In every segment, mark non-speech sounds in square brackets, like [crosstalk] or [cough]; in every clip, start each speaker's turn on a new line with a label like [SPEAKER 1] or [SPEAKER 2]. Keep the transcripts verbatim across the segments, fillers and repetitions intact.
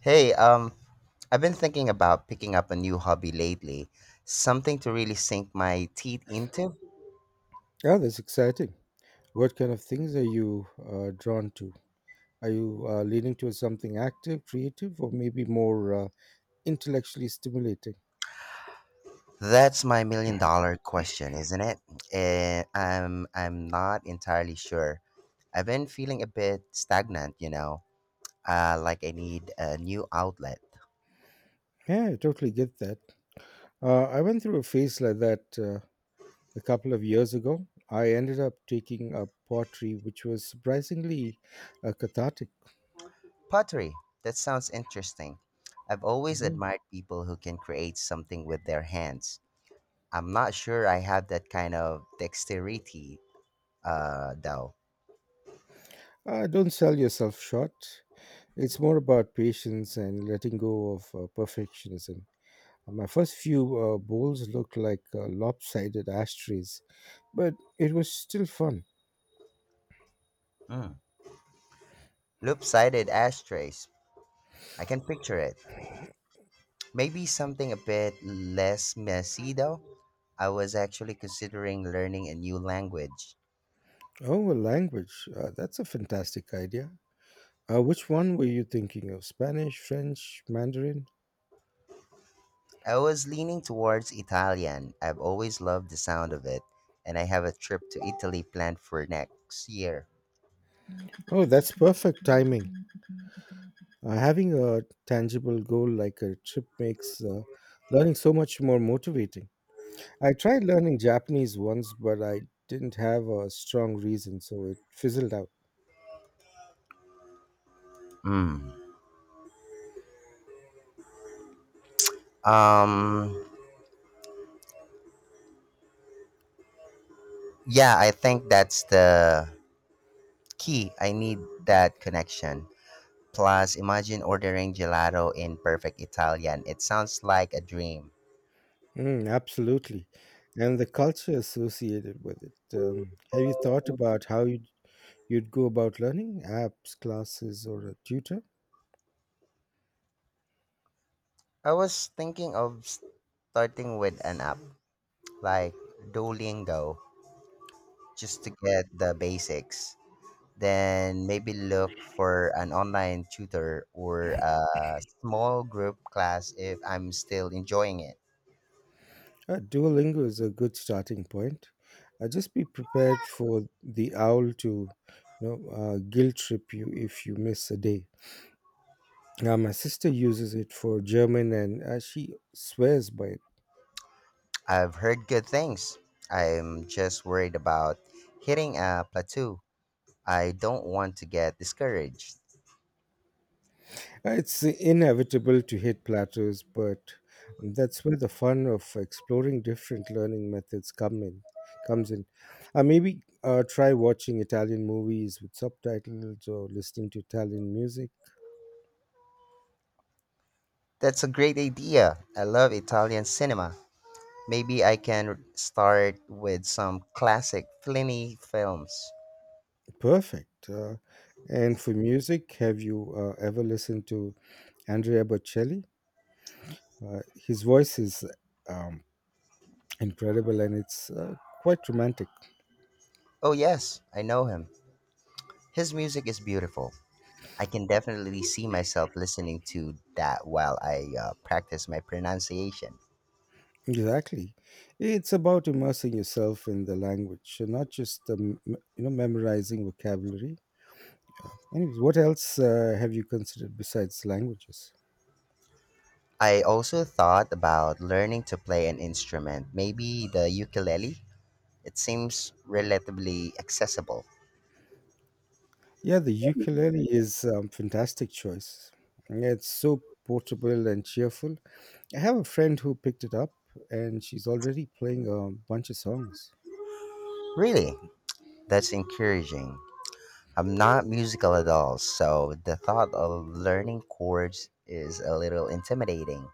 [SPEAKER 1] Hey, um, I've been thinking about picking up a new hobby lately, something to really sink my teeth into.
[SPEAKER 2] Yeah, that's exciting. What kind of things are you uh, drawn to? Are you uh, leaning towards something active, creative, or maybe more uh, intellectually stimulating?
[SPEAKER 1] That's my million dollar question, isn't it? Eh, I'm I'm not entirely sure. I've been feeling a bit stagnant, you know, uh, like I need a new outlet.
[SPEAKER 2] Yeah, I totally get that. Uh, I went through a phase like that uh, a couple of years ago. I ended up taking up pottery, which was surprisingly uh, cathartic.
[SPEAKER 1] Pottery, that sounds interesting. I've always
[SPEAKER 2] Mhm.
[SPEAKER 1] admired people who can create something with their hands. I'm not sure I have that kind of dexterity, uh, though.
[SPEAKER 2] Uh, don't sell yourself short. It's more about patience and letting go of uh, perfectionism. My first few uh, bowls looked like uh, lopsided ashtrays, but it was still fun.
[SPEAKER 1] Mm. Loop-sided ashtrays. I can picture it. Maybe something a bit less messy though. I was actually considering learning a new language.
[SPEAKER 2] Oh, a language. Uh, that's a fantastic idea. Uh, which one were you thinking of? Spanish, French, Mandarin?
[SPEAKER 1] I was leaning towards Italian. I've always loved the sound of it, and I have a trip to Italy planned for next year.
[SPEAKER 2] Oh, that's perfect timing. Uh, having a tangible goal like a trip makes uh, learning so much more motivating. I tried learning Japanese once, but I didn't have a strong reason, so it fizzled out.
[SPEAKER 1] Mm. Um yeah, I think that's the key. I need that connection. Plus, imagine ordering gelato in perfect Italian. It sounds like a dream.
[SPEAKER 2] Mm, absolutely. And the culture associated with it. Um, have you thought about how you? you'd go about learning apps, classes, or a tutor?
[SPEAKER 1] I was thinking of starting with an app like Duolingo just to get the basics. Then maybe look for an online tutor or a small group class if I'm still enjoying it.
[SPEAKER 2] Uh, Duolingo is a good starting point. Uh, just be prepared for the owl to you know, uh, guilt trip you if you miss a day. Now, my sister uses it for German and uh, she swears by it.
[SPEAKER 1] I've heard good things. I'm just worried about hitting a plateau. I don't want to get discouraged.
[SPEAKER 2] It's inevitable to hit plateaus, but that's where the fun of exploring different learning methods come in. Comes in. Uh, maybe uh, try watching Italian movies with subtitles or listening to Italian music.
[SPEAKER 1] That's a great idea. I love Italian cinema. Maybe I can start with some classic Fellini films.
[SPEAKER 2] Perfect. Uh, and for music, have you uh, ever listened to Andrea Bocelli? Uh, his voice is um, incredible, and it's uh, quite romantic.
[SPEAKER 1] Oh, yes, I know him. His music is beautiful. I can definitely see myself listening to that while I uh, practice my pronunciation.
[SPEAKER 2] Exactly. It's about immersing yourself in the language, and not just um, m- you know memorizing vocabulary. Yeah. Anyways, what else uh, have you considered besides languages?
[SPEAKER 1] I also thought about learning to play an instrument, maybe the ukulele. It seems relatively accessible.
[SPEAKER 2] Yeah, the ukulele is um, fantastic choice. Yeah, it's so portable and cheerful. I have a friend who picked it up, and she's already playing a bunch of songs.
[SPEAKER 1] Really? That's encouraging. I'm not musical at all, so the thought of learning chords is a little intimidating.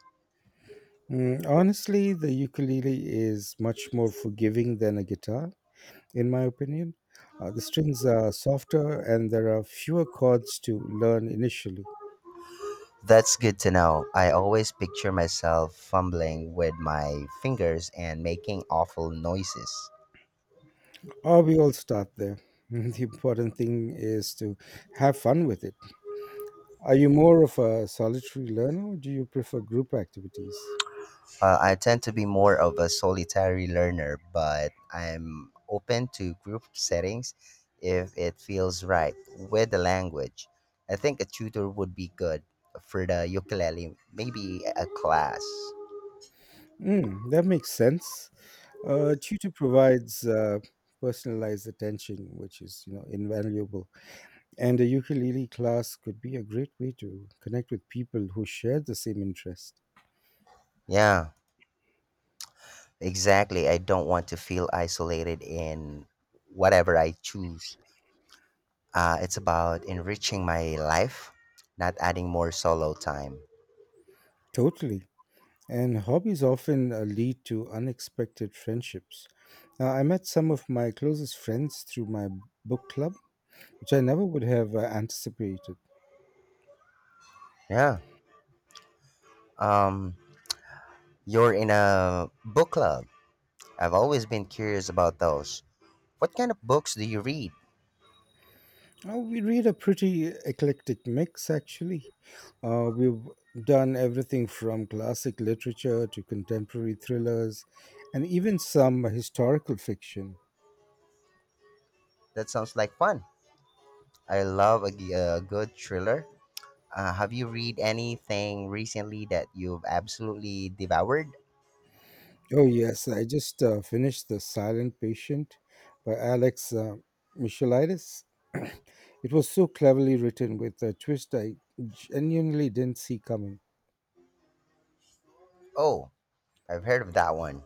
[SPEAKER 2] Mm, honestly, the ukulele is much more forgiving than a guitar, in my opinion. Uh, the strings are softer, and there are fewer chords to learn initially.
[SPEAKER 1] That's good to know. I always picture myself fumbling with my fingers and making awful noises.
[SPEAKER 2] Or we all start there. [laughs] The important thing is to have fun with it. Are you more of a solitary learner, or do you prefer group activities?
[SPEAKER 1] Uh, I tend to be more of a solitary learner, but I'm open to group settings if it feels right with the language. I think a tutor would be good for the ukulele, maybe a class.
[SPEAKER 2] Mm, that makes sense. Uh, tutor provides uh, personalized attention, which is you know invaluable. And a ukulele class could be a great way to connect with people who share the same interest.
[SPEAKER 1] Yeah, exactly. I don't want to feel isolated in whatever I choose. Uh, it's about enriching my life, not adding more solo time.
[SPEAKER 2] Totally. And hobbies often uh, lead to unexpected friendships. Now, I met some of my closest friends through my book club, which I never would have uh, anticipated.
[SPEAKER 1] Yeah. Um, you're in a book club. I've always been curious about those. What kind of books do you read?
[SPEAKER 2] Uh, we read a pretty eclectic mix, actually. Uh, we've done everything from classic literature to contemporary thrillers and even some historical fiction.
[SPEAKER 1] That sounds like fun. I love a, g- a good thriller. Uh, have you read anything recently that you've absolutely devoured?
[SPEAKER 2] Oh, yes. I just uh, finished The Silent Patient by Alex uh, Michalidis. [clears throat] It was so cleverly written, with a twist I genuinely didn't see coming.
[SPEAKER 1] Oh, I've heard of that one.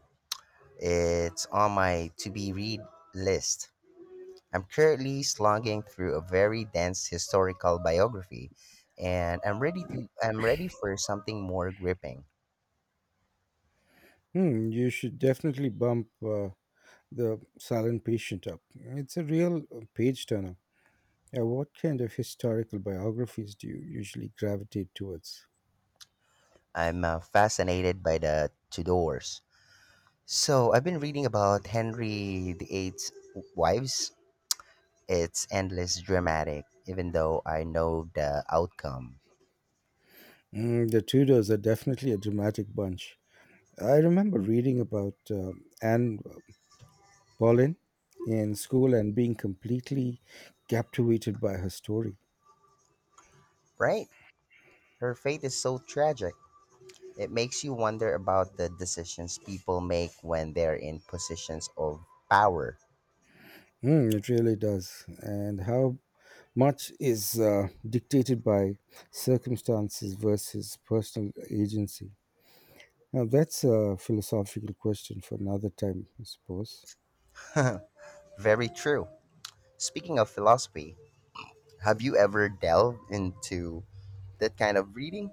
[SPEAKER 1] It's on my to be read list. I'm currently slogging through a very dense historical biography, and I'm ready to I'm ready for something more gripping.
[SPEAKER 2] Hmm, you should definitely bump uh, The Silent Patient up. It's a real uh, page turner. Yeah, what kind of historical biographies do you usually gravitate towards?
[SPEAKER 1] I'm uh, fascinated by the Tudors. So I've been reading about Henry the Eighth's wives. It's endless dramatic, even though I know the outcome.
[SPEAKER 2] Mm, the Tudors are definitely a dramatic bunch. I remember reading about uh, Anne Pauline in school and being completely captivated by her story.
[SPEAKER 1] Right? Her fate is so tragic. It makes you wonder about the decisions people make when they're in positions of power.
[SPEAKER 2] Mm, it really does. And how much is uh, dictated by circumstances versus personal agency? Now, that's a philosophical question for another time, I suppose.
[SPEAKER 1] [laughs] Very true. Speaking of philosophy, have you ever delved into that kind of reading?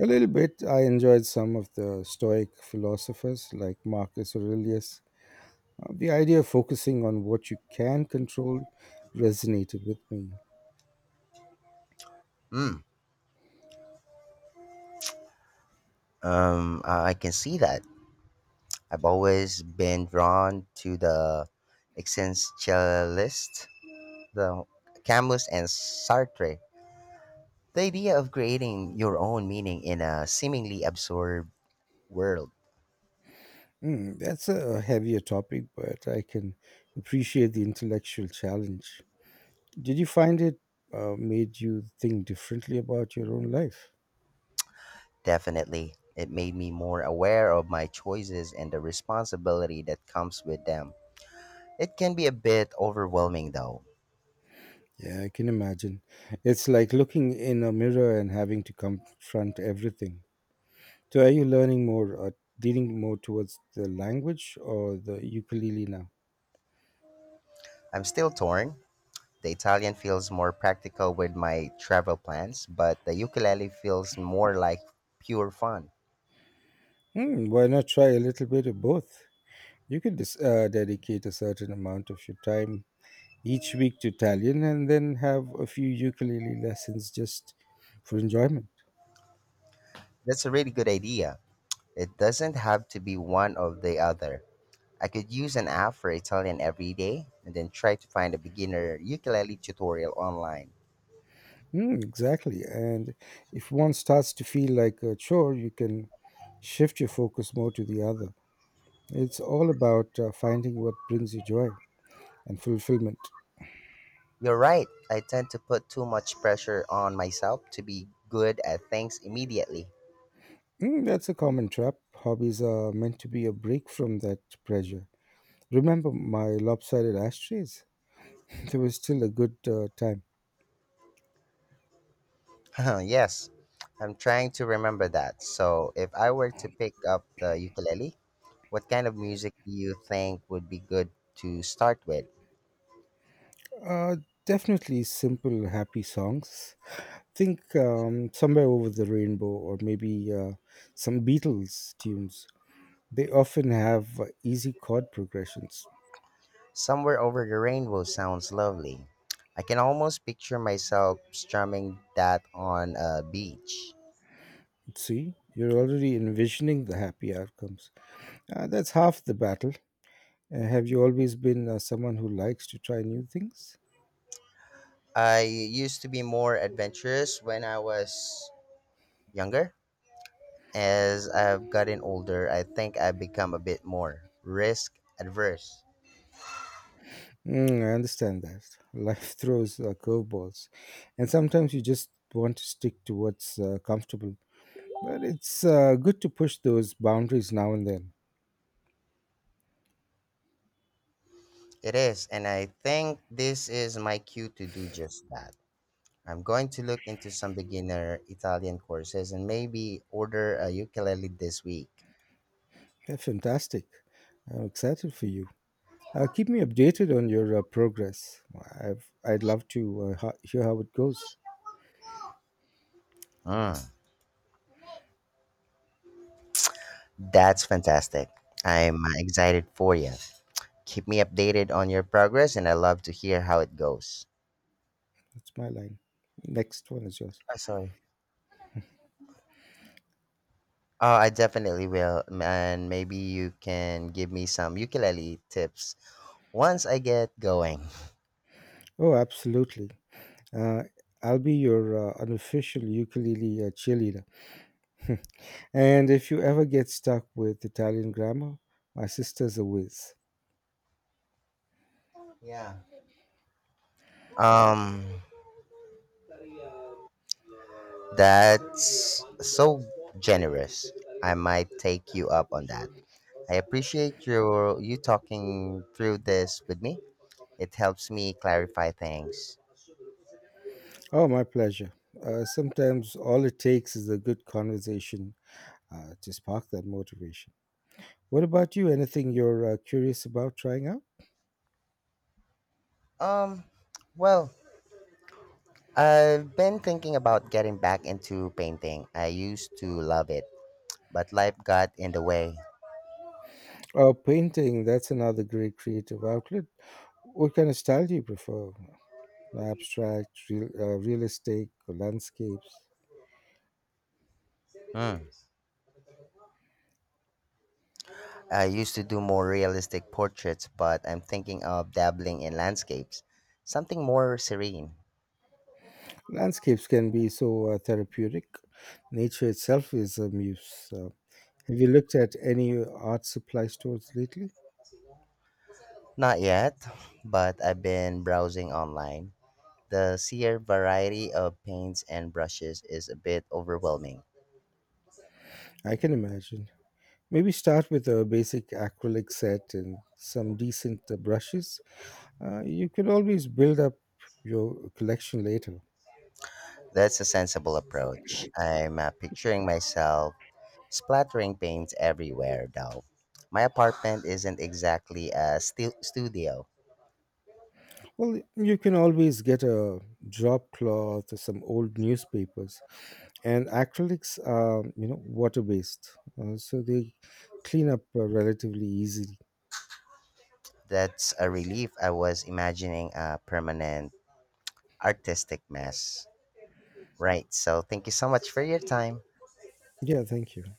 [SPEAKER 2] A little bit, I enjoyed some of the Stoic philosophers like Marcus Aurelius. Uh, the idea of focusing on what you can control resonated with me.
[SPEAKER 1] Hmm. Um, I I can see that. I've always been drawn to the existentialist, the Camus and Sartre. The idea of creating your own meaning in a seemingly absurd world.
[SPEAKER 2] Mm, that's a heavier topic, but I can appreciate the intellectual challenge. Did you find it uh, made you think differently about your own life?
[SPEAKER 1] Definitely. It made me more aware of my choices and the responsibility that comes with them. It can be a bit overwhelming though.
[SPEAKER 2] Yeah, I can imagine. It's like looking in a mirror and having to confront everything. So, are you learning more, uh, leaning more towards the language or the ukulele now?
[SPEAKER 1] I'm still torn. The Italian feels more practical with my travel plans, but the ukulele feels more like pure fun.
[SPEAKER 2] Hmm, why not try a little bit of both? You could dis- uh, dedicate a certain amount of your time each week to Italian, and then have a few ukulele lessons just for enjoyment.
[SPEAKER 1] That's a really good idea. It doesn't have to be one or the other. I could use an app for Italian every day and then try to find a beginner ukulele tutorial online.
[SPEAKER 2] Mm, exactly. And if one starts to feel like a chore, you can shift your focus more to the other. It's all about uh, finding what brings you joy and fulfillment.
[SPEAKER 1] You're right, I tend to put too much pressure on myself to be good at things immediately.
[SPEAKER 2] Mm, that's a common trap. Hobbies are meant to be a break from that pressure. Remember my lopsided ashtrays? There was still a good uh, time.
[SPEAKER 1] [laughs] Yes, I'm trying to remember that. So if I were to pick up the ukulele, what kind of music do you think would be good to start with?
[SPEAKER 2] Uh, definitely simple, happy songs. Think um, somewhere over the rainbow, or maybe uh, some Beatles tunes. They often have uh, easy chord progressions.
[SPEAKER 1] Somewhere over the rainbow sounds lovely. I can almost picture myself strumming that on a beach.
[SPEAKER 2] See, you're already envisioning the happy outcomes. Uh, that's half the battle. Uh, have you always been uh, someone who likes to try new things?
[SPEAKER 1] I used to be more adventurous when I was younger. As I've gotten older, I think I've become a bit more risk adverse.
[SPEAKER 2] Mm, I understand that. Life [laughs] throws uh, curveballs, and sometimes you just want to stick to what's uh, comfortable. But it's uh, good to push those boundaries now and then.
[SPEAKER 1] It is, and I think this is my cue to do just that. I'm going to look into some beginner Italian courses and maybe order a ukulele this week.
[SPEAKER 2] They fantastic. I'm excited for you. Uh, keep me updated on your uh, progress. I've, I'd love to uh, ho- hear how it goes.
[SPEAKER 1] Mm, that's fantastic. I'm uh, excited for you. Keep me updated on your progress and I love to hear how it goes.
[SPEAKER 2] That's my line. Next one is yours.
[SPEAKER 1] Oh, sorry. Oh, I definitely will. m- And maybe you can give me some ukulele tips once I get going.
[SPEAKER 2] Oh, absolutely. Uh, I'll be your uh, unofficial ukulele uh, cheerleader. And if you ever get stuck with Italian grammar, my sister's a whiz.
[SPEAKER 1] Yeah. Um, that's so generous. I might take you up on that. I appreciate your you talking through this with me. It helps me clarify things.
[SPEAKER 2] Oh, my pleasure. Uh, sometimes all it takes is a good conversation uh, to spark that motivation. What about you? Anything you're uh, curious about trying out?
[SPEAKER 1] Um, well, I've been thinking about getting back into painting. I used to love it, but life got in the way.
[SPEAKER 2] Oh, painting, that's another great creative outlet. What kind of style do you prefer? Abstract, real, uh, realistic, or landscapes?
[SPEAKER 1] Hmm. I used to do more realistic portraits, but I'm thinking of dabbling in landscapes, something more serene.
[SPEAKER 2] Landscapes can be so uh, therapeutic. Nature itself is a muse. Uh, have you looked at any art supply stores lately?
[SPEAKER 1] Not yet, but I've been browsing online. The sheer variety of paints and brushes is a bit overwhelming.
[SPEAKER 2] I can imagine. Maybe start with a basic acrylic set and some decent uh, brushes. Uh, you can always build up your collection later.
[SPEAKER 1] That's a sensible approach. I'm uh, picturing myself splattering paint everywhere, though. My apartment isn't exactly a stu- studio.
[SPEAKER 2] Well, you can always get a drop cloth or some old newspapers. And acrylics are you know water based, uh, so they clean up uh, relatively easily.
[SPEAKER 1] That's a relief. I was imagining a permanent artistic mess. Right, so thank you so much for your time.
[SPEAKER 2] Yeah, thank you.